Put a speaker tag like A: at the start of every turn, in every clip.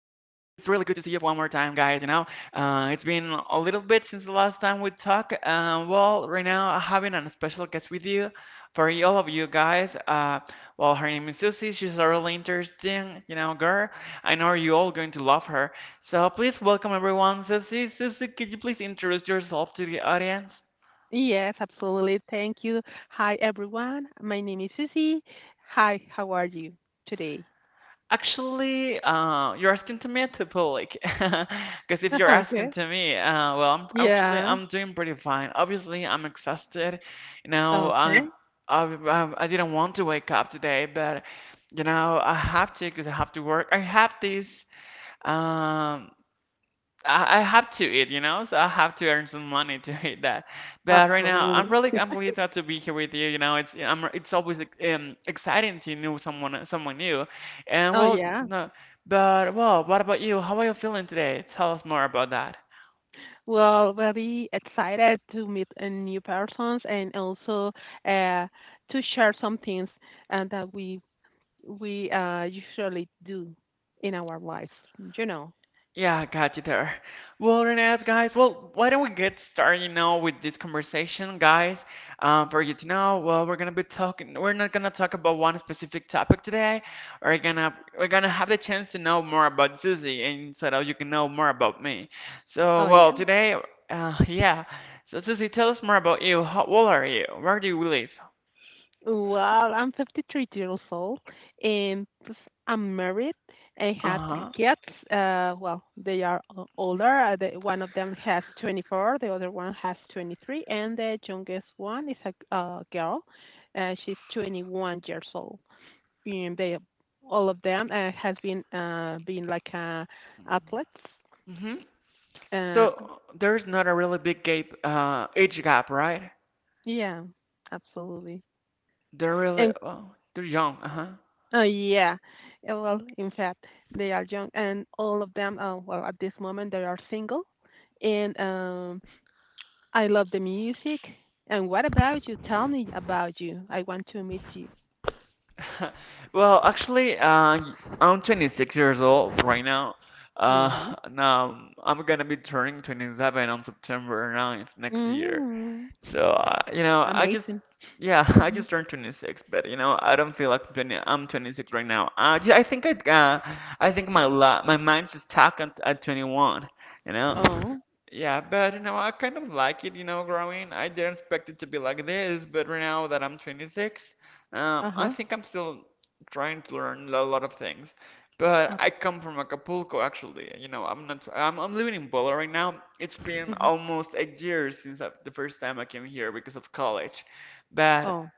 A: good to see you one more time, guys. It's been a little bit since the last time we talked. Right now I'm having a special guest with you for all of you guys. Her name is Susie. She's a really interesting, you know, girl. I know you all going to love her. So please welcome everyone, Susie. Susie, could you please introduce yourself to the audience?
B: Yes, absolutely. Thank you. Hi, everyone. My name is Susie. Hi, how are you today?
A: Actually, you're asking to me at the public, because if you're asking
B: Okay.
A: to me, uh, well, I'm actually
B: Yeah.
A: I'm doing pretty fine. Obviously, I'm exhausted. You know,
B: Okay.
A: I'm, I didn't want to wake up today, but you know, I have to because I have to work. I have this. Um, I have to eat, you know, so I have to earn some money to eat that. But right now, I'm really
B: Absolutely.
A: I'm really glad to be here with you. You know, it's I'm it's always exciting to know someone new, and
B: Oh,
A: well,
B: yeah.
A: no, but well, what about you? How are you feeling today? Tell us more about that.
B: Well, very excited to meet new persons, and also uh, to share some things that we usually do in our lives, you know.
A: Yeah, I got you there. Well, Renette, guys, well, why don't we get started, you know, with this conversation, guys? For you to know, well, we're gonna be talking. We're not gonna talk about one specific topic today. We're gonna have the chance to know more about Susie, and so that you can know more about me. So,
B: Oh.
A: well, today, yeah. So, Susie, tell us more about you. How old are you? Where do you live?
B: Well, I'm 53 years old and I'm married. I have three
A: Uh-huh.
B: kids. They are older. One of them has 24, the other one has 23, and the youngest one is a girl. She's 21 years old. And all of them has been like athletes.
A: Hmm.
B: Uh,
A: So, there's not a really big gap, age gap, right?
B: yeah, absolutely.
A: They're really,
B: And
A: oh, they're young, uh-huh.
B: oh, yeah, in fact, they are young, and all of them, well, at this moment, they are single, and I love the music. And what about you? Tell me about you. I want to meet you.
A: Well, actually, I'm 26 years old right now.
B: Mhm.
A: Now I'm gonna be turning 27 on September 9th next year.
B: Mhm.
A: So, you know,
B: Amazing.
A: yeah, I
B: Mhm.
A: just turned 26, but you know, I don't feel like 20, I'm 26 right now. Yeah, I think my mind's is stuck at 21, you know.
B: Oh.
A: Yeah, but you know, I kind of like it, you know, growing. I didn't expect it to be like this, but right now that I'm 26,
B: Uh
A: I
B: huh.
A: think I'm still trying to learn a lot of things. But
B: Uh,
A: I come from Acapulco, actually. You know, I'm not, I'm living in Puebla right now. It's been
B: mhm.
A: almost a year since I the first time I came here because of college. But
B: Oh.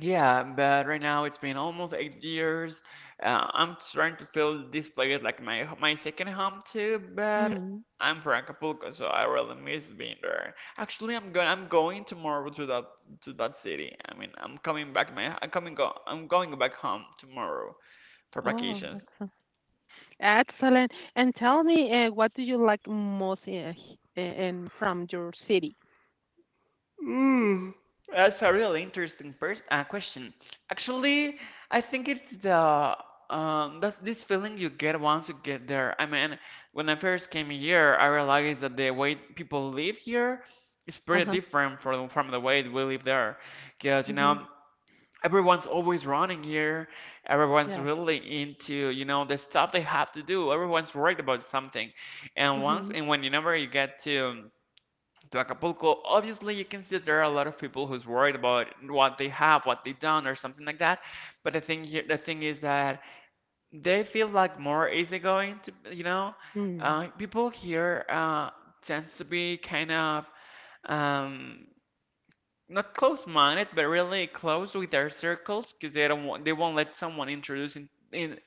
A: yeah, but right now it's been almost 8 years. I'm trying to feel this place like my second home too, but
B: Mm.
A: I'm from Acapulco, so I really miss being there. Actually, I'm going tomorrow to that city. I mean, I'm coming back my I'm coming go I'm going back home tomorrow for
B: Oh,
A: vacations.
B: excellent. Excellent. And tell me, what do you like most in from your city?
A: That's a really interesting pers question. Actually, I think it's the that's this feeling you get once you get there. I mean, when I first came here, I realized that the way people live here is
B: Uh
A: pretty
B: huh.
A: different from the way we live there. Because, you
B: Mhm.
A: know, everyone's always running here. Everyone's
B: Yeah.
A: really into, you know, the stuff they have to do. Everyone's worried about something. And once
B: Mhm.
A: and whenever you never you get to Acapulco. Obviously, you can see that there are a lot of people who's worried about what they have, what they don't, or something like that. But I think the thing is that they feel like more easygoing to, you know,
B: Mm.
A: people here tends to be kind of um, not close-minded, but really close with their circles because they don't want, they won't let someone introduce in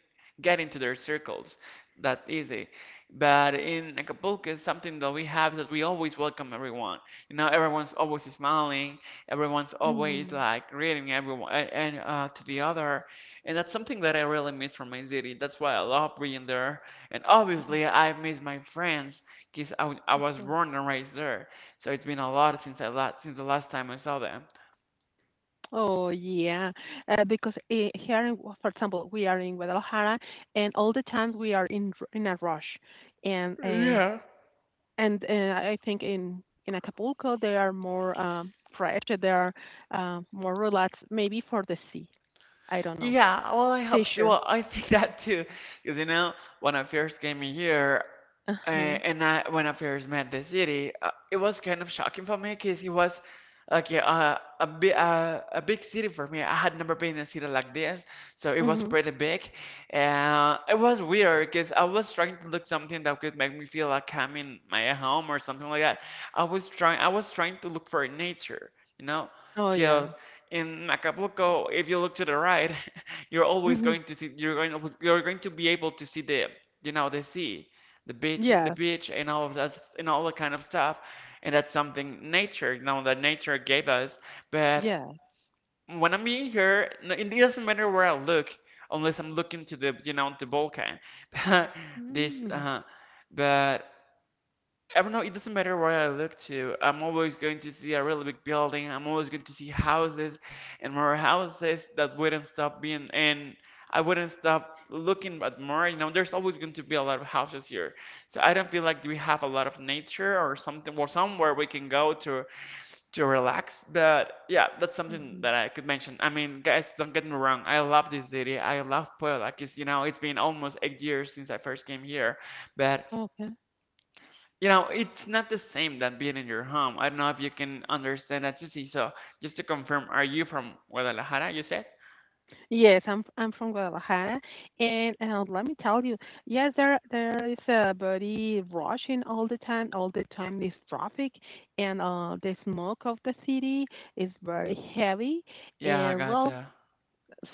A: get into their circles that easy. But in Acapulco, it's something that we have that we always welcome everyone. You know, everyone's always smiling, everyone's always
B: Mm.
A: like greeting everyone and to the other, and that's something that I really miss from my city. That's why I love being there. And obviously, I miss my friends because I was
B: So.
A: born and raised there. So it's been a lot since I la since the last time I saw them.
B: Oh, yeah, because here, in, well, for example, we are in Guadalajara, and all the times we are in in a rush, and
A: Yeah.
B: I think in Acapulco they are more fresh, they are more relaxed, maybe for the sea. I don't know.
A: Yeah, well, I hope so.
B: Fisher.
A: Well, I think that too, because you know, when I first came here,
B: Uh huh.
A: and I when I first met the city, it was kind of shocking for me, because it was like yeah, a big city for me. I had never been in a city like this, so it was
B: Mhm.
A: pretty big. It was weird, because I was trying to look something that could make me feel like I'm in my home or something like that. I was trying to look for nature, you know.
B: Oh, yeah.
A: 'Cause in Acapulco, if you look to the right, you're always
B: Mhm.
A: going to see you're going to be able to see the you know the sea, the
B: Yes.
A: beach, and all of that and all that kind of stuff, and that's something nature you know that nature gave us. But
B: Yeah.
A: when I'm being here, it doesn't matter where I look, unless I'm looking to the you know the volcano. But this,
B: Mm-hmm.
A: uh, but I don't know, it doesn't matter where I look to. I'm always going to see a really big building. I'm always going to see houses and more houses that wouldn't stop being, and I wouldn't stop looking at more. You know, there's always going to be a lot of houses here. So I don't feel like we have a lot of nature or something, or somewhere we can go to relax. But yeah, that's something
B: Mm-hmm.
A: that I could mention. I mean, guys, don't get me wrong. I love this city. I love Puebla. 'Cause, you know, it's been almost 8 years since I first came here. But
B: Okay.
A: you know, it's not the same than being in your home. I don't know if you can understand that, Sissy. So, just to confirm, are you from Guadalajara, you said?
B: Yes, I'm from Guadalajara, and let me tell you, yes, there is a body rushing all the time, all the time. This traffic, and the smoke of the city is very heavy.
A: Yeah, I
B: And well,
A: gotcha.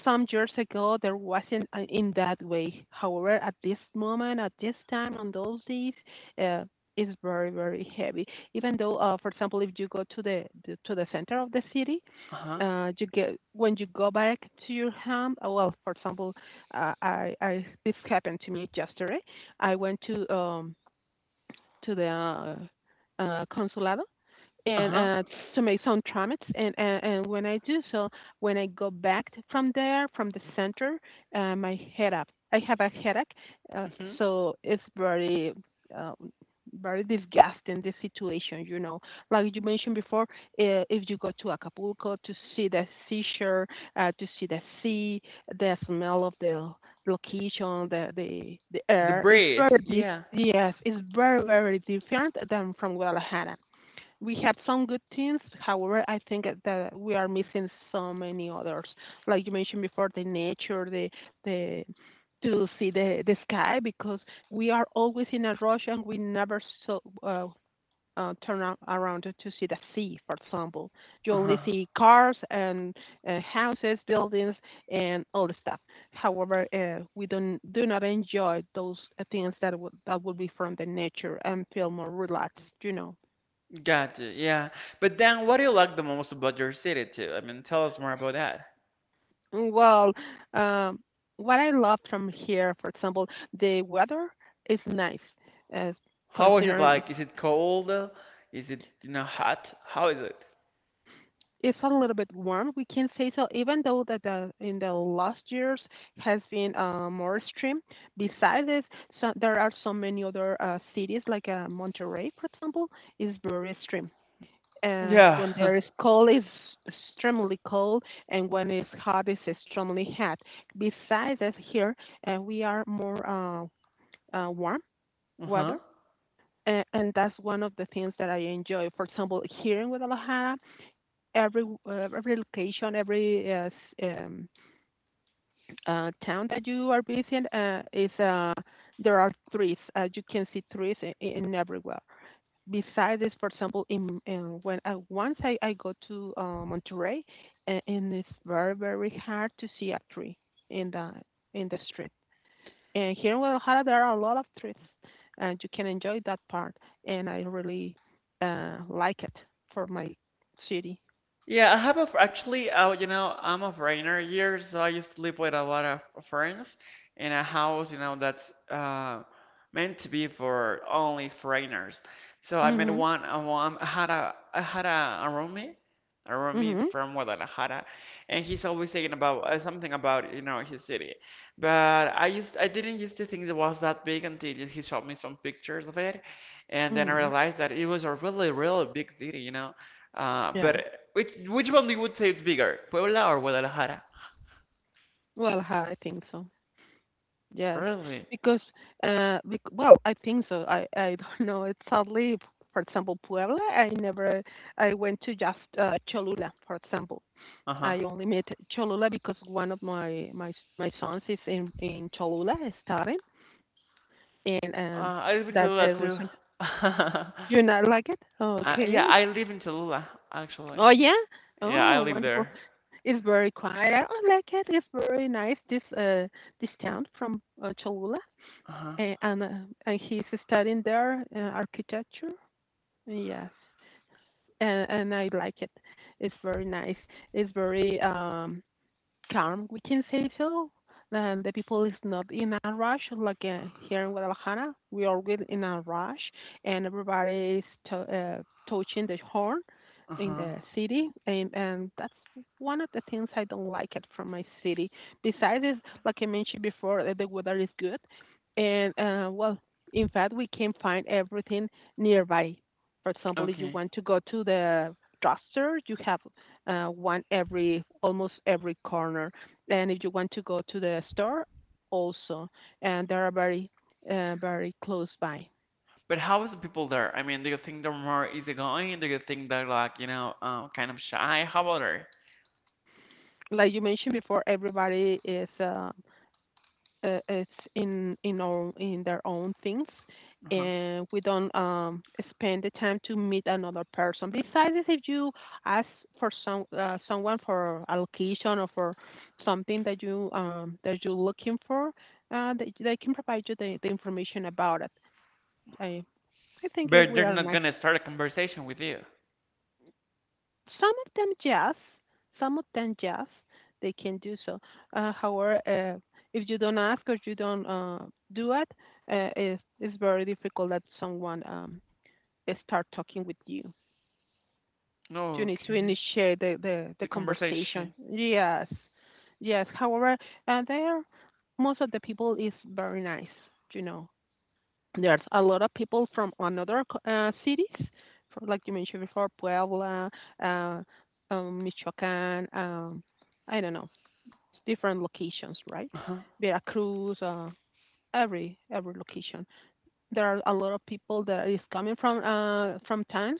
B: some years ago there wasn't in that way. However, at this moment, at this time, on those days, uh, it's very very heavy. Even though, for example, if you go to the center of the city,
A: Uh-huh.
B: you get when you go back to your home. Well, for example, I, this happened to me yesterday. I went to the consulado, and
A: Uh-huh.
B: to make some tramets. And, when I do so, when I go back from there, from the center, my head up. I have a headache, uh,
A: Mm-hmm.
B: so it's very. Um, very disgusting the situation, you know, like you mentioned before. If you go to Acapulco to see the seashore, to see the sea, the smell of the location, the
A: The
B: air, it's
A: breeze.
B: very different.
A: Yeah.
B: Yes, it's very very different than from Guadalajara. We have some good things. However, I think that we are missing so many others. Like you mentioned before, the nature, the to see the sky, because we are always in a rush, and we never so turn around to see the sea. For example, you only
A: Uh-huh.
B: see cars and houses, buildings, and all the stuff. However, we don't, do not enjoy those things that would be from the nature, and feel more relaxed. You know.
A: Gotcha. Yeah. But then, what do you like the most about your city, too? I mean, tell us more about that.
B: Well, um, what I love from here, for example, the weather is nice, uh,
A: How is it
B: considering the
A: like? Is
B: pr-
A: it cold? Is it, you know, hot? How is it?
B: it's a little bit warm. We can say so, even though that in the last years has been more extreme. Besides this, so there are so many other cities like Monterrey, for example, is very extreme.
A: Yeah.
B: When there is cold, it's extremely cold, and when it's hot, it's extremely hot. Besides this, here we are more. Warm weather.
A: Uh-huh.
B: And that's one of the things that I enjoy. For example, here in Guadalajara, every location, every um, town that you are visiting is there are trees. You can see trees in everywhere. Besides this, for example, in when I go to Monterrey, and it's very very hard to see a tree in the street. And here in Guadalajara, there are a lot of trees, and you can enjoy that part. And I really like it for my city.
A: Yeah, I have a, actually, you know, I'm a foreigner here, so I used to live with a lot of friends in a house, you know, that's meant to be for only foreigners. So I met
B: Mhm.
A: one, I had a roommate
B: Mhm.
A: from Guadalajara, and he's always saying about something about, you know, his city. But I didn't used to think it was that big until he showed me some pictures of it, and then I
B: Mhm.
A: realized that it was a really, really big city, you know.
B: Yeah.
A: But which one do you would say it's bigger, Puebla or Guadalajara?
B: Well, I think so. Yes,
A: Really?
B: because well, I think so. I don't know. It's sadly, for example, Puebla. I never. I went to just Cholula, for example.
A: Uh-huh.
B: I only met Cholula because one of my sons is in Cholula studying, in um,
A: I live in
B: that's
A: Cholula
B: the
A: too.
B: reason. You not like it,
A: Yeah,
B: okay.
A: I live in Cholula actually.
B: Oh, yeah.
A: Yeah, I
B: Oh,
A: live
B: wonderful.
A: there.
B: It's very quiet. I don't like it. It's very nice, this town from Cholula.
A: Uh-huh.
B: And and he's studying there, architecture, yes. And I like it. It's very nice. It's very um, calm, we can say so. The people is not in a rush like here in Guadalajara. We are really in a rush, and everybody is to, touching the horn in
A: Uh-huh.
B: the city, and that's one of the things I don't like it from my city. Besides, is, like I mentioned before, that the weather is good, and well, in fact, we can find everything nearby. For example, if you
A: Okay.
B: want to go to the drugstore, you have one every almost every corner. And if you want to go to the store, also, and they are very very close by.
A: But how is the people there? I mean, do you think they're more easygoing? Do you think they're like, you know, kind of shy? How about her?
B: Like you mentioned before, everybody is it's in our, in their own things,
A: Uh-huh.
B: and we don't spend the time to meet another person. Besides, if you ask for some someone for allocation or for something that you that you're looking for, they can provide you the information about it. I I think it
A: But
B: we
A: they're
B: are
A: not
B: nice.
A: gonna start a conversation with you.
B: Some of them jazz, some of them jazz, they can do so. However, if you don't ask or you don't do it, it's very difficult that someone start talking with you. You need to
A: Okay.
B: initiate the
A: The
B: conversation.
A: conversation.
B: Yes, yes. However, there, most of the people is very nice. You know, there's a lot of people from another cities, from, like you mentioned before, Puebla, uh, Michoacan, I don't know, different locations, right?
A: Uh-huh.
B: Veracruz, every location, there are a lot of people that is coming from towns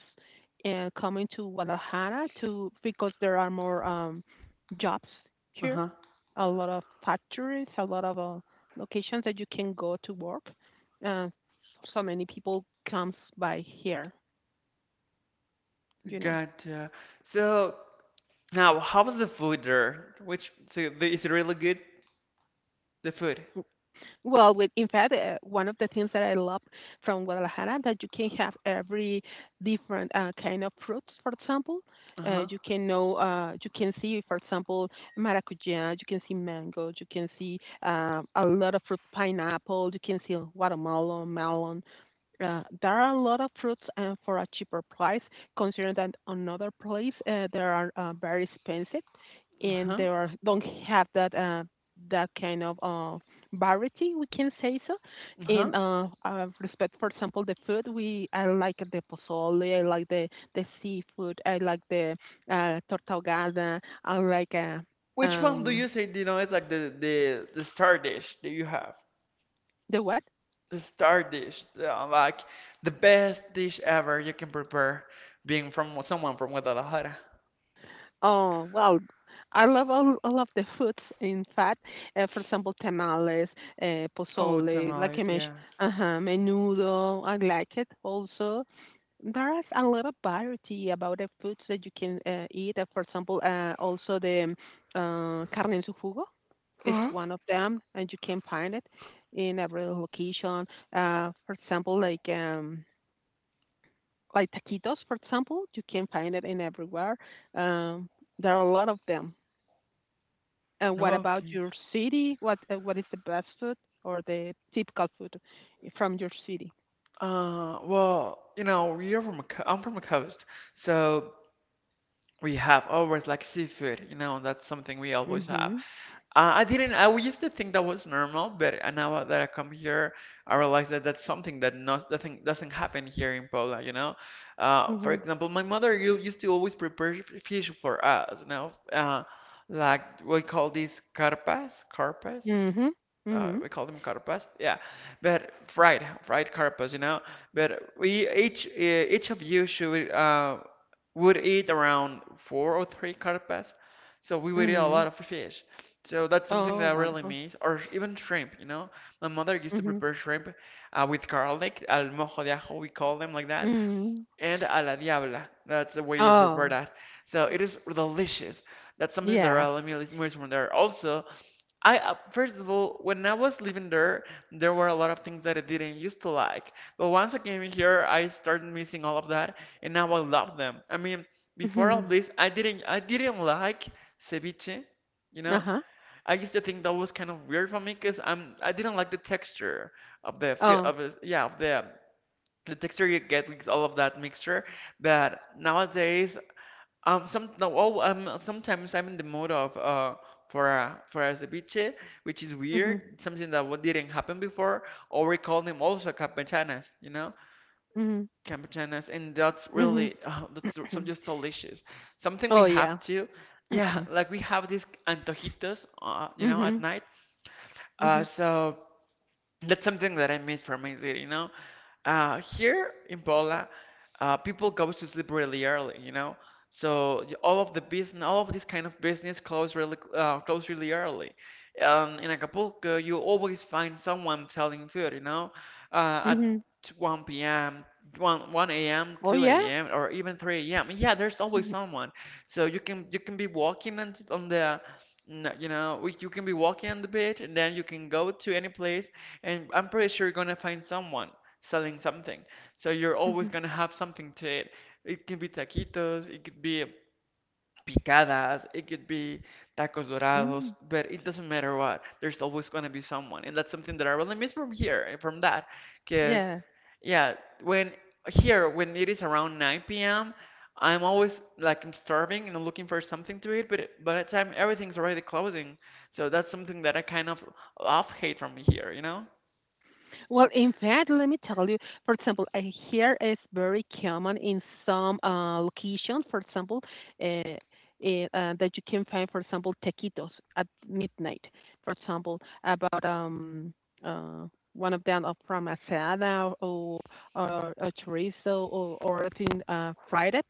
B: and coming to Guadalajara to because there are more jobs here,
A: Uh-huh.
B: a lot of factories, a lot of locations that you can go to work. Uh, so many people comes by here, you know.
A: Gotcha. So now, how was the food there? Which so the, is it really good? The food.
B: Well, with, in fact, one of the things that I love from Guadalajara that you can have every different kind of fruits. For example,
A: Uh-huh.
B: you can see, for example, maracuja. You can see mango. You can see a lot of fruit, pineapple. You can see watermelon, melon. There are a lot of fruits for a cheaper price, considering that another place they are very expensive, and
A: Uh-huh.
B: they are don't have that kind of variety. We can say so.
A: Uh-huh.
B: In respect, for example, the food, we I like the pozole, I like the seafood, I like the torta ahogada, I like
A: Which one do
B: um.
A: you say, you know, it's like the star dish that you have?
B: The what?
A: The star dish, like the best dish ever you can prepare, being from someone from Guadalajara.
B: Oh, well, I love all of the foods, in fact. For example, tamales,
A: Oh,
B: pozole, like I
A: tamales,
B: mentioned,
A: yeah.
B: uh-huh, menudo. I like it also. There is a lot of variety about the foods that you can eat. For example, also the carne en su jugo is
A: Uh-huh.
B: one of them, and you can find it in every location. For example, like taquitos, for example, you can find it in everywhere. Um, there are a lot of them. And what about
A: Okay.
B: your city? What is the best food or the typical food from your city?
A: Well, you know, we are from I'm from a coast, so we have always like seafood, you know, that's something we always have.
B: Mhm.
A: I didn't. I used to think that was normal, but now that I come here, I realize that that's something that not doesn't doesn't happen here in Poland. You know, for
B: Mhm.
A: example, my mother used to always prepare fish for us. You know, like we call these carpas
B: Mhm. Mhm.
A: we call them carpas, yeah, but fried carpas, you know. But we each each of you should would eat around four or three carpas, so we would eat a lot
B: Mhm.
A: of fish. So that's something
B: Oh,
A: that I really
B: wonderful.
A: miss, or even shrimp, you know. My mother used to
B: Mhm.
A: prepare shrimp with garlic, al mojo de ajo, we call them like that,
B: Mhm.
A: and a la diabla. That's the way we prepare
B: Oh,
A: that. So it is delicious. That's something that I
B: yes.
A: really miss from there. Also, I first of all, when I was living there, there were a lot of things that I didn't used to like. But once I came here, I started missing all of that, and now I love them. I mean, before all
B: Mhm.
A: this, I didn't like ceviche, you
B: Uh
A: know.
B: huh.
A: I used to think that was kind of weird for me because I didn't like the texture of the fi-
B: Oh.
A: of the- yeah, of the texture you get with all of that mixture. But nowadays some no, oh, sometimes I'm in the mode of for a ceviche, which is
B: Mhm.
A: weird, something that didn't happen before, or we call them also
B: Mhm.
A: campechanas, and that's
B: Mhm.
A: some just delicious. Something we
B: Oh, yeah.
A: have to, yeah, like we have these antojitos, at
B: Mhm.
A: night. Uh,
B: Mhm.
A: so that's something that I miss from my city. Here in Pola, people go to sleep really early. So all of the business, all of this kind of business close close really early. In Acapulco, you always find someone selling food, at
B: Mhm.
A: 1 p.m., 1, 1 a.m.,
B: Oh,
A: 2
B: yeah.
A: a.m., or even 3 a.m. Yeah, there's always
B: Mhm.
A: someone. So you can be walking on, th- on the, you can be walking on the beach, and then you can go to any place, and I'm pretty sure you're gonna find someone selling something. So you're always
B: Mhm.
A: gonna have something to eat. It could be taquitos, it could be picadas, it could be tacos dorados,
B: Mm.
A: but it doesn't matter what. There's always gonna be someone, and that's something that I really miss from here, and from that, because
B: Yeah.
A: yeah, when here when it is around 9 p.m. I'm always like I'm starving and I'm looking for something to eat, by the time everything's already closing, so that's something that I kind of love hate from here, you know?
B: Well, in fact, let me tell you, for example, here is very common in some locations, for example, uh, that you can find, for example, taquitos at midnight. For example, about uh, one of them are from asada or chorizo or I fried it.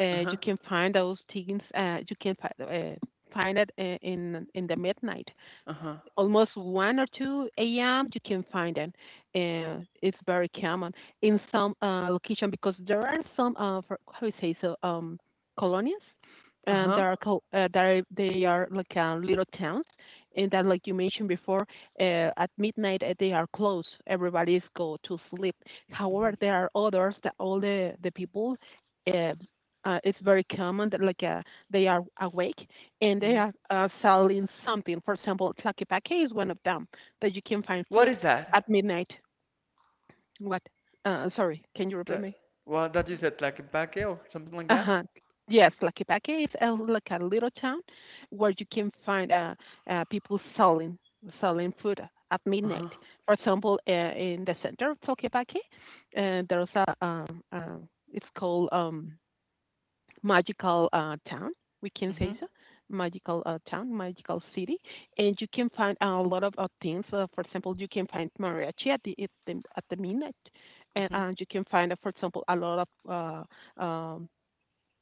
A: Uh-huh,
B: You can find those things. Find it in the midnight
A: uh-huh,
B: almost 1 or 2 a.m. you can find it. And it's very common in some location because there are some, for, how you say, so colonies. And
A: uh-huh.
B: there are co- There they are like little towns, and that, like you mentioned before, at midnight they are closed. Everybody's go to sleep. However, there are others that all the people, uh, it's very common that, like they are awake and they
A: Mhm.
B: are selling something. For example, Tlaquepaque is one of them that you can find
A: What
B: food
A: is that?
B: at midnight. What? Sorry, can you repeat
A: That
B: me?
A: well, that you said like a tlaquepaque or something like
B: Uh
A: that.
B: huh. Yes, Tlaquepaque is a, like a little town where you can find people selling food at
A: Uh-huh.
B: midnight. For example, in the center of Tlaquepaque, there's a it's called magical town. We can say
A: Mhm.
B: so, magical town, magical city, and you can find a lot of things. For example, you can find mariachi at the midnight, and
A: Mhm.
B: you can find, for example, a lot of uh, um,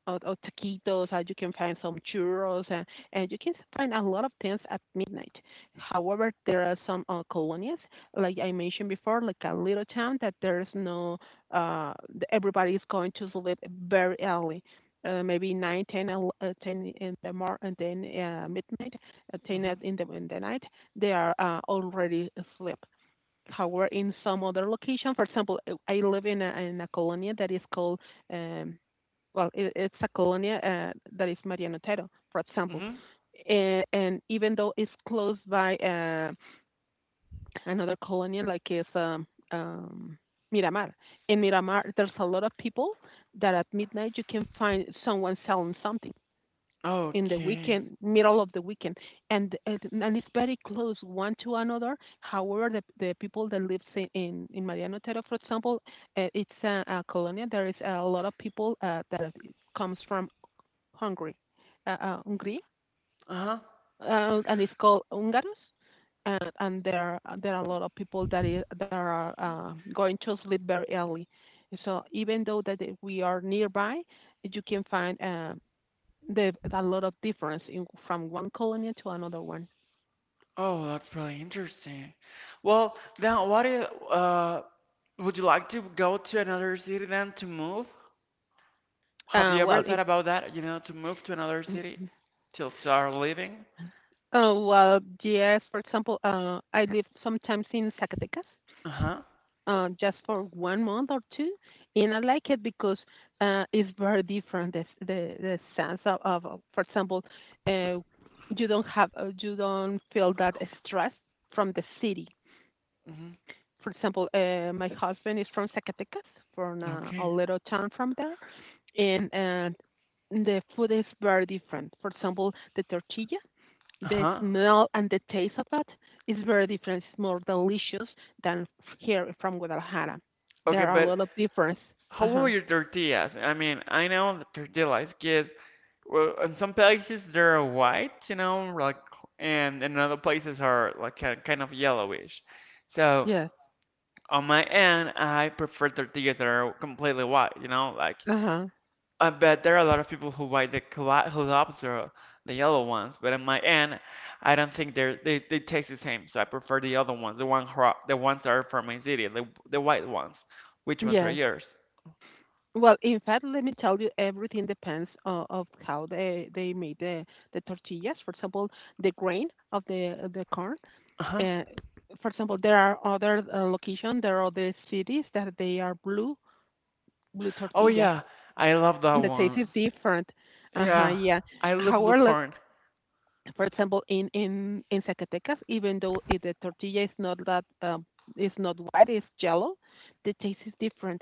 B: or taquitos, or you can find some churros, and you can find a lot of things at midnight. However, there are some colonias, like I mentioned before, like a little town that there's no, uh, everybody is going to sleep very early. Maybe 9, ten, 10 in the morning, and then midnight, 10
A: Mhm.
B: in the night, they are already asleep. However, in some other location, for example, I live in a colony that is called um, well, it's a colonia that is Mariano Otero, for example.
A: Mhm.
B: And even though it's close by another colonia, like it's um, Miramar. In Miramar, there's a lot of people that at midnight you can find someone selling something in the
A: Okay.
B: weekend, middle of the weekend, and it's very close one to another. However, the people that live in in Mariano Otero, for example, it's a colonia. There is a lot of people that comes from Hungary, Hungary,
A: Uh-huh.
B: and it's called Hungaros. And there there are a lot of people that is that are going to sleep very early. So even though that we are nearby, you can find the, a lot of difference in, from one colony to another one.
A: Oh, that's really interesting. Well, then what if would you like to go to another city then to move? Have
B: Uh,
A: you ever
B: well, in,
A: thought about that, to move to another city till start living?
B: well, yes. For example, I live sometimes in Zacatecas,
A: Uh-huh.
B: just for 1 month or two, and I like it because it's very different. The sense of, of for example, uh, you don't have you don't feel that stress from the city.
A: Mhm.
B: For example, my husband is from Zacatecas, from a
A: Okay.
B: little town from there, and the food is very different. For example, the tortilla, the
A: Uh-huh.
B: smell and the taste of it is very different. It's more delicious than here from Guadalajara.
A: Okay,
B: There are a
A: but
B: lot of difference.
A: how
B: Uh
A: old
B: huh.
A: are your tortillas? I mean, I know the tortilla is. Well, in some places they're white, and in other places are like kind of yellowish. So
B: Yes.
A: on my end, I prefer tortillas that are completely white.
B: Uh huh.
A: I bet there are a lot of people who loves the yellow ones, but on my end, I don't think they taste the same. So I prefer the other ones, the ones that are from my city, the white ones. Which ones are
B: Yes.
A: yours?
B: Well, in fact, let me tell you, everything depends of how they made the tortillas. For example, the grain of the corn.
A: Uh-huh.
B: Uh, for example, there are other locations, there are other cities that they are blue
A: Oh
B: tortillas,
A: yeah, I love that
B: and the taste is
A: ones.
B: different. Uh huh.
A: Yeah,
B: Yeah.
A: I love blue
B: However,
A: corn.
B: for example, in Zacatecas, even though the tortilla is not that is not white, it's yellow, the taste is different.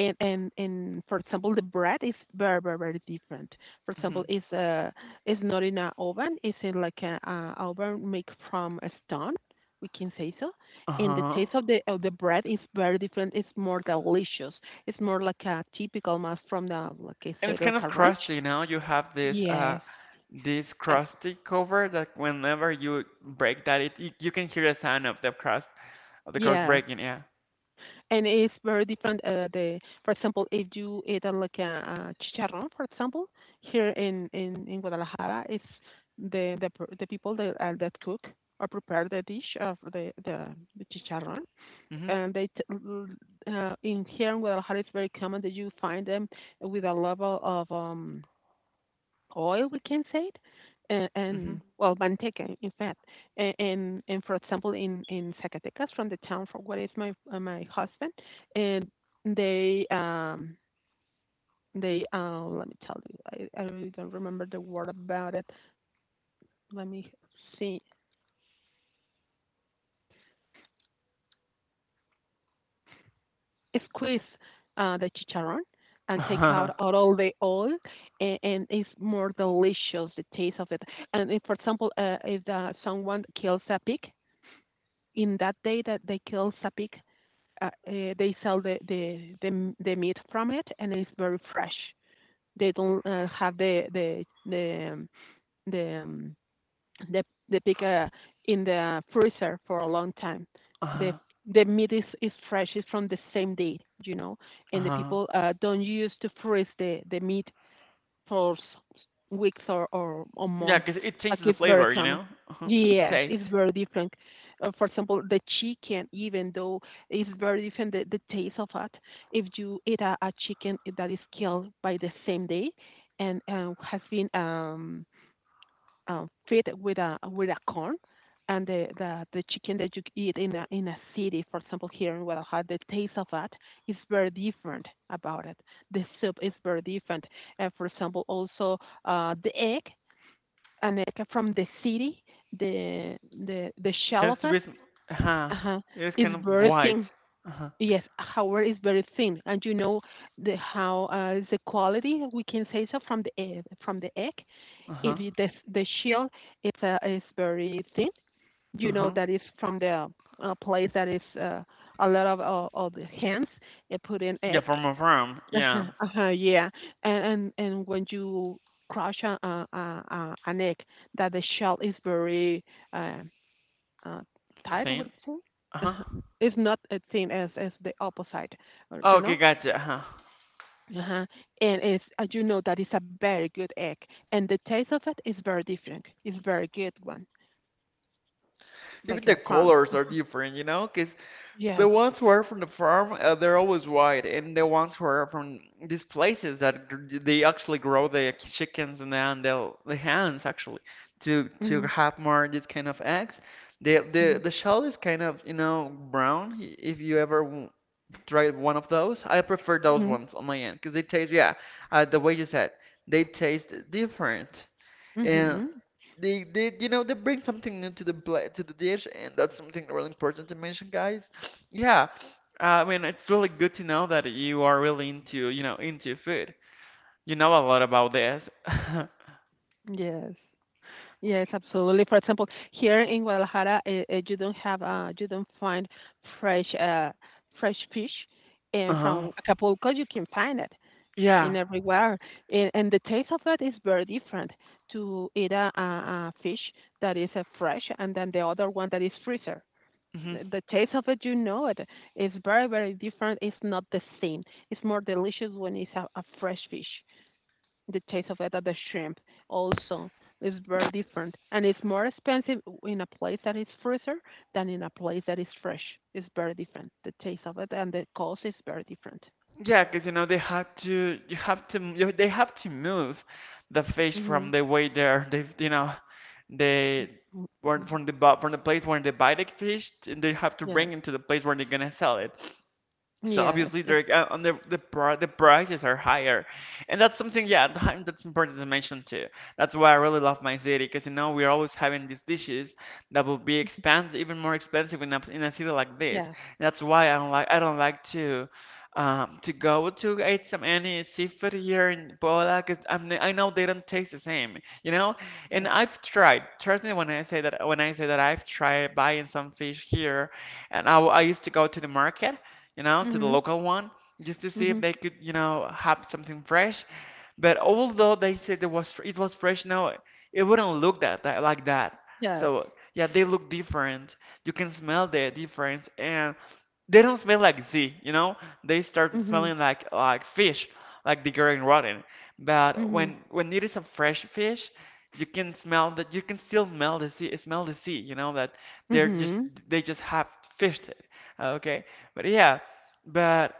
B: And for example, the bread is very different. For example,
A: Mhm.
B: it's not in an oven, it's in like a oven made from a stone. We can say so, and the
A: Uh-huh.
B: taste of the bread is very different. It's more delicious. It's more like a typical mass from the, like I
A: And
B: said,
A: it's kind
B: like
A: of
B: a ranch.
A: crusty, you know? You have this uh
B: Yes,
A: this
B: uh,
A: crusty cover that whenever you break that, you can hear the sound of the crust
B: yes.
A: breaking, yeah.
B: And it's very different. The for example, if you eat like a, chicharrón, for example, here in, in Guadalajara, it's the the people that that cook or prepare the dish of the chicharrón.
A: Mm-hmm.
B: And they t- l- In here in Guadalajara, it's very common that you find them with a level of oil, we can say it,
A: Mm-hmm.
B: and well, manteca, in fact. And for example, in Zacatecas, from the town from where is my my husband, and they um they let me tell you, I really don't remember the word about it. Let me see, squeeze the chicharron and take out
A: Uh-huh.
B: all the oil, and it's more delicious the taste of it. And if, for example, if someone kills a pig, in that day that they kill a pig, they sell the, the meat from it, and it's very fresh. They don't have the um, the, the pig in the freezer for a long time. The
A: Uh-huh.
B: the meat is fresh. It's from the same day, you know. And the
A: Uh-huh.
B: people don't use to freeze the meat for weeks or a
A: Yeah,
B: month.
A: 'cause it
B: Like
A: changes the
B: it's very
A: flavor, you
B: common.
A: know? Uh-huh.
B: Yes, it's
A: Taste.
B: very different. For example, the chicken, even though it's very different, the taste of it. If you eat a chicken that is killed by the same day and has been feed with a corn, and the chicken that you eat in a city, for example, here in Guadalajara, the taste of that is very different about it. The soup is very different. For example, also the egg, an egg from the city, the the shell of
A: Tends to
B: it
A: be uh-huh.
B: uh
A: It is
B: is
A: kind of
B: very thin.
A: white. Uh-huh.
B: Yes, however, is very thin, and you know the how is the quality, we can say so, from the egg, from the egg, if
A: Uh-huh.
B: the shield is very thin, you know
A: Uh-huh.
B: that it's from the place that is a lot of the hens they put in
A: Yeah,
B: eggs.
A: from a farm.
B: Uh-huh,
A: Yeah.
B: uh-huh, yeah, and when you crush a an egg, that the shell is very uh, uh, tight. What
A: Faint.
B: do you say?
A: Uh-huh.
B: Uh-huh. It's not as thin as the opposite, or, you
A: Okay,
B: know.
A: gotcha. Uh-huh.
B: Uh-huh. And it's you know that it's a very good egg, and the taste of it is very different. It's very good one.
A: Even
B: Like
A: the
B: a farm.
A: colors are
B: Uh-huh.
A: different, you know, because the
B: Yes.
A: ones who are from the farm, they're always white, and the ones who are from these places they actually grow the chickens and then the hens actually to
B: Mhm.
A: have more this kind of eggs. The the
B: Mhm.
A: the shell is kind of brown. If you ever tried one of those, I prefer those
B: Mhm.
A: ones on my end because they taste yeah, the way you said they taste different. And
B: Mhm.
A: they bring something new to the dish, and that's something really important to mention, guys. Yeah, I mean, it's really good to know that you are really into food. You know a lot about this.
B: Yes. Yes, absolutely. For example, here in Guadalajara, you don't have you don't find fresh fresh fish, and
A: Uh-huh.
B: from Acapulco you can find it in
A: Yeah.
B: everywhere, and the taste of it is very different to eat a fish that is fresh and then the other one that is freezer.
A: Hmm.
B: The taste of it, you know it. It's very, very different. It's not the same. It's more delicious when it's a fresh fish. The taste of it of the shrimp also is very different. And it's more expensive in a place that is freezer than in a place that is fresh. It's very different. The taste of it and the cost is very different.
A: Yeah, because they have to, they have to move the fish
B: Hmm.
A: from the way they were from from the place where they buy the fish, and they have to bring
B: Yes.
A: it to the place where they're gonna sell it. So
B: Yes.
A: obviously
B: it-
A: they're on the pri- the prices are higher, and that's something, yeah, that's important to mention too. That's why I really love my city because we're always having these dishes that will be expensive, even more expensive in a city like this.
B: Yes.
A: That's why I don't like to go to eat some any seafood here in Puebla because I know they don't taste the same. And
B: Yes.
A: I've tried. Trust me when I say that I've tried buying some fish here, and I used to go to the market, to the
B: Mm-hmm.
A: local one, just to see if
B: Mm-hmm.
A: they could have something fresh. But
B: Mm-hmm.
A: although they said it was fresh, no, it wouldn't look that like that.
B: Yes.
A: So yeah, they look different. You can smell the difference, and they don't smell like Z, you know? They start
B: Mm-hmm.
A: smelling like fish, like degrading rotten. But
B: Mm-hmm.
A: when it is a fresh fish, you can smell that you can still smell the sea, you know, that they're just
B: Mm-hmm.
A: they just have fished it. Okay. But yeah, but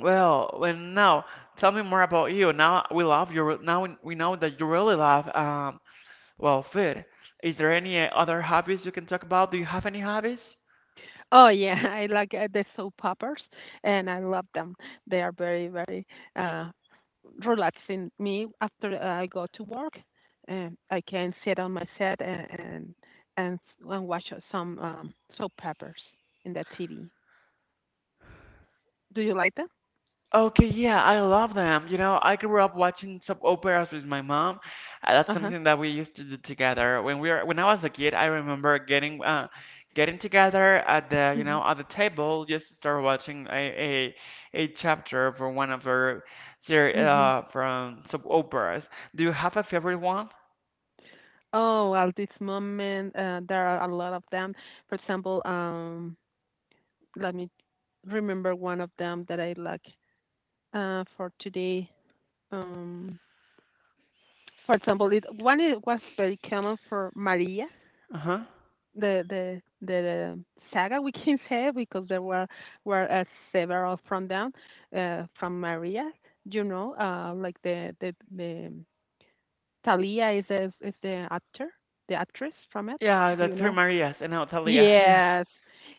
A: well, when now tell me more about you. Now we love you. Now we know that you really love well food. Is there any other hobbies you can talk about? Do you have any hobbies?
B: Oh yeah, I like the soap operas, and I love them. They are very, very uh, relaxing me after I go to work. And I can sit on my set and and watch some soap operas in the TV. Do you like them?
A: Okay, yeah, I love them. I grew up watching soap operas with my mom. That's
B: Uh huh.
A: something that we used to do together. When I was a kid, I remember getting together at the, you know,
B: Hmm.
A: at the table just to start watching a chapter from one of our seri
B: Hmm.
A: from soap operas. Do you have a favorite one?
B: Oh, at this moment, there are a lot of them. For example, let me remember one of them that I like for today. Um, For example, it was very common for Maria,
A: Uh-huh.
B: the saga, we can say, because there were were uh, several from them, from Maria. You know, like the Talia is a, is the actor, the actress from it.
A: Yeah,
B: Do
A: the
B: you
A: Three
B: know?
A: Marias and Natalia.
B: Yes.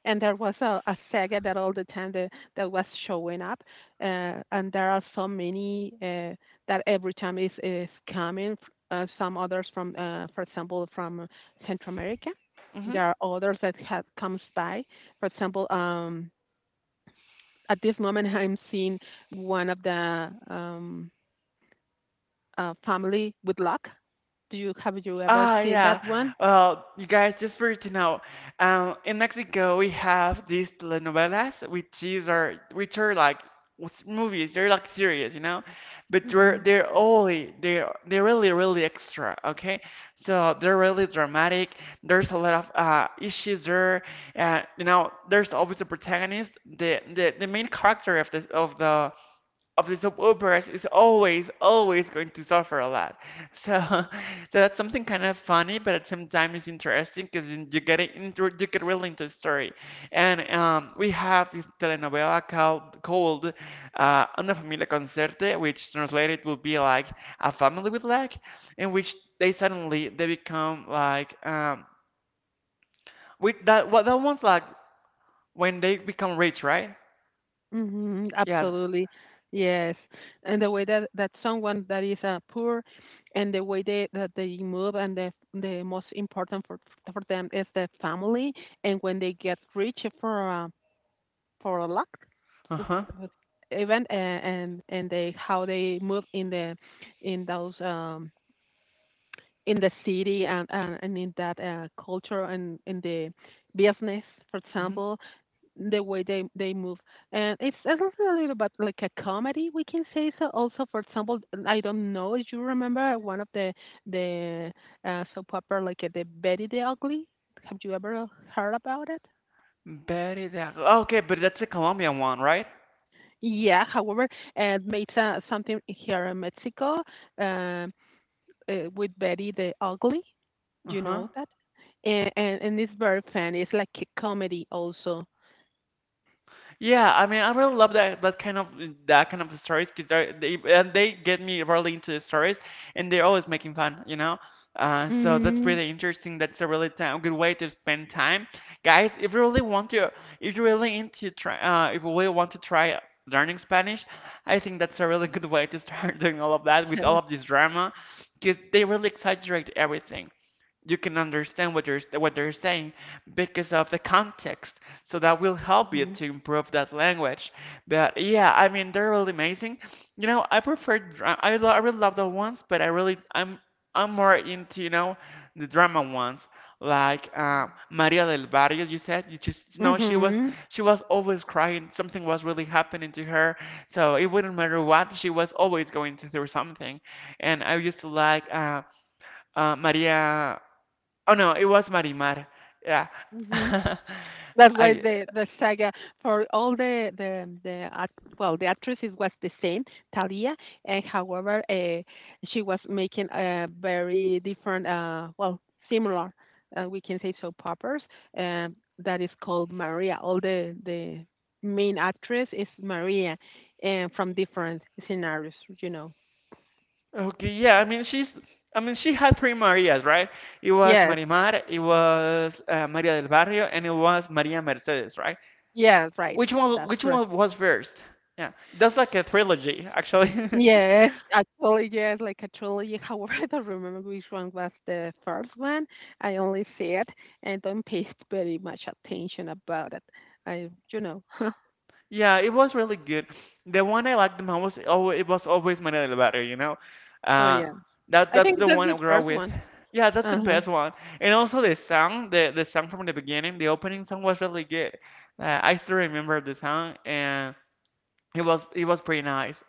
B: And there was a saga that all the time that, that was showing up. And there are so many that every time is coming. Some others from, for example, from Central America.
A: Yeah.
B: There are others that have comes by. For example, at this moment, I'm seeing one of the family with luck. Do you Have you ever
A: Ah,
B: seen that
A: yeah.
B: one?
A: Well, you guys, just for you to know, in Mexico we have these telenovelas, which are like movies. They're like series, but
B: Mm-hmm.
A: they're only they're really really extra. Okay, so they're really dramatic. There's a lot of issues there, and there's always a protagonist. The main character of the soap operas is always, always going to suffer a lot. So, that's something kind of funny, but at some time it's interesting because you get really into the story. And we have this telenovela called Una Familia con Suerte, which translated would be like a family with luck, in which they suddenly they become like, with that one's like when they become rich, right?
B: Mhm,
A: Yeah.
B: absolutely. Yes. And the way that that someone that is poor, and the way they that they move, and the most important for them is the family, and when they get rich for a luck,
A: Uh-huh.
B: it's even and they how they move in the in those in the city and, and in that culture and in the business, for example, the way they move. And it's also a little bit like a comedy, we can say so, also, for example, I don't know if you remember one of the the soap opera like the Betty the Ugly. Have you ever heard about it?
A: Betty the Okay, but that's the Colombian one, right?
B: Yeah, however, made something here in Mexico, um with Betty the Ugly, do you
A: Uh-huh.
B: know that? And it's very funny, it's like a comedy also.
A: Yeah, I mean, I really love that kind of stories 'cause they get me really into the stories, and they're always making fun. So that's
B: Mm-hmm.
A: pretty interesting. That's a good way to spend time, guys. If you really want to, if you really into try, If you really want to try learning Spanish, I think that's a really good way to start doing all of that with all
B: Yes.
A: of this drama, because they really exaggerate everything. You can understand what they're saying because of the context. So that will help you
B: Mm-hmm.
A: to improve that language. But yeah, I mean they're really amazing. I prefer I really love the ones, but I really I'm more into the drama ones. Like Maria del Barrio, you said you just no,
B: Mm-hmm.
A: she was always crying. Something was really happening to her, so it wouldn't matter what she was always going through something. And I used to like Maria. Oh no, it was Marimar. Yeah.
B: Mm-hmm. That's why
A: I
B: the saga, for all the actresses was the same, Talia. And however she was making a very different, well, similar, we can say, soap operas that is called Maria. All the main actress is Maria, and from different scenarios, you know.
A: Okay, yeah, I mean she had three Marias, right? It was
B: Yes,
A: Marimar, it was Maria del Barrio, and it was Maria Mercedes, right?
B: yes, right.
A: Which one
B: That's
A: which
B: correct.
A: one was first? Yeah. That's like a trilogy, actually.
B: Yes, actually, yes, like actually, however, I don't remember which one was the first one. I only see it and don't pay very much attention about it. I, you know,
A: Yeah, it was really good. The one I liked the most it was always María del Barrio.
B: oh
A: Uh,
B: yeah, I
A: that's
B: think
A: the
B: that's
A: one
B: the
A: I grew up
B: first
A: with.
B: one.
A: Yeah, that's the
B: Uh-huh.
A: best one. And also the song, the song from the beginning, the opening song was really good. I still remember the song, and it was pretty nice.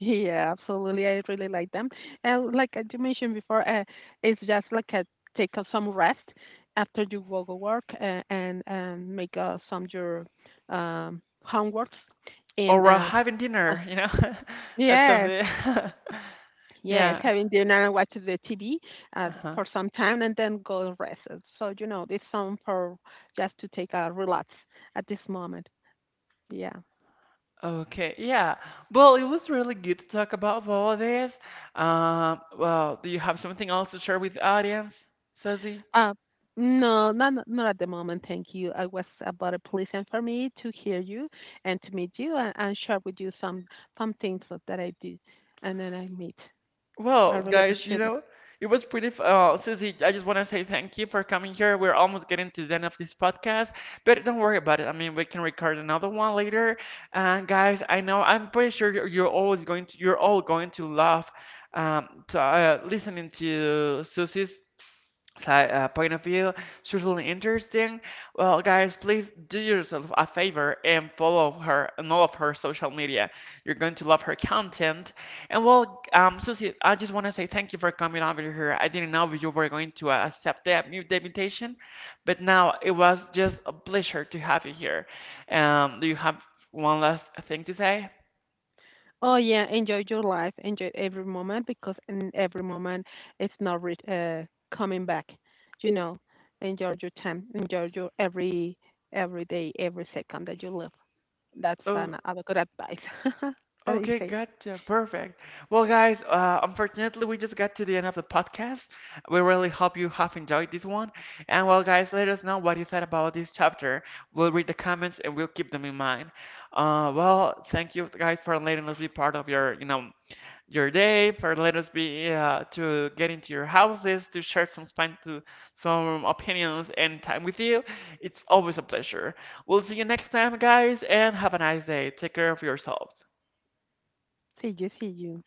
B: Yeah, absolutely. I really like them. And like I you mentioned before, it's just like a take a, some rest after you go to work and make some your homeworks in
A: Or having
B: uh,
A: dinner. That's
B: yes.
A: something.
B: Yes,
A: Yeah.
B: having dinner and watch the TV
A: Uh-huh.
B: for some time and then go rest. So, you know, it's some for just to take a relax at this moment. Yeah.
A: Okay, yeah. Well, it was really good to talk about all of this. Well, do you have something else to share with the audience, Susie?
B: Uh, no, not at the moment. Thank you. I was about a pleasure for me to hear you and to meet you, and share with you some things that I do and then I meet. I
A: Well,
B: really
A: guys, you
B: appreciate it.
A: know, it was pretty. F Susie, I just want to say thank you for coming here. We're almost getting to the end of this podcast, but don't worry about it. I mean, we can record another one later. And guys, I'm pretty sure you're all going to love listening to Susie's point of view. Certainly interesting. Well, guys, please do yourself a favor and follow her on all of her social media. You're going to love her content. And well, Susie, I just want to say thank you for coming over here. I didn't know you were going to accept the invitation, but now it was just a pleasure to have you here. Do you have one last thing to say?
B: Oh yeah, enjoy your life, enjoy every moment because in every moment it's not re- coming back. You know, enjoy your time, enjoy your every day, every second that you live. That's
A: Oh.
B: an a good advice. that I
A: Okay,
B: say.
A: gotcha. Perfect. Well, guys, unfortunately, we just got to the end of the podcast. We really hope you have enjoyed this one. And, well, guys, let us know what you thought about this chapter. We'll read the comments and we'll keep them in mind. Well, thank you guys for letting us be part of your day, for letting us be to get into your houses, to share some spine to some opinions and time with you. It's always a pleasure. We'll see you next time, guys, and have a nice day. Take care of yourselves.
B: See you, see you.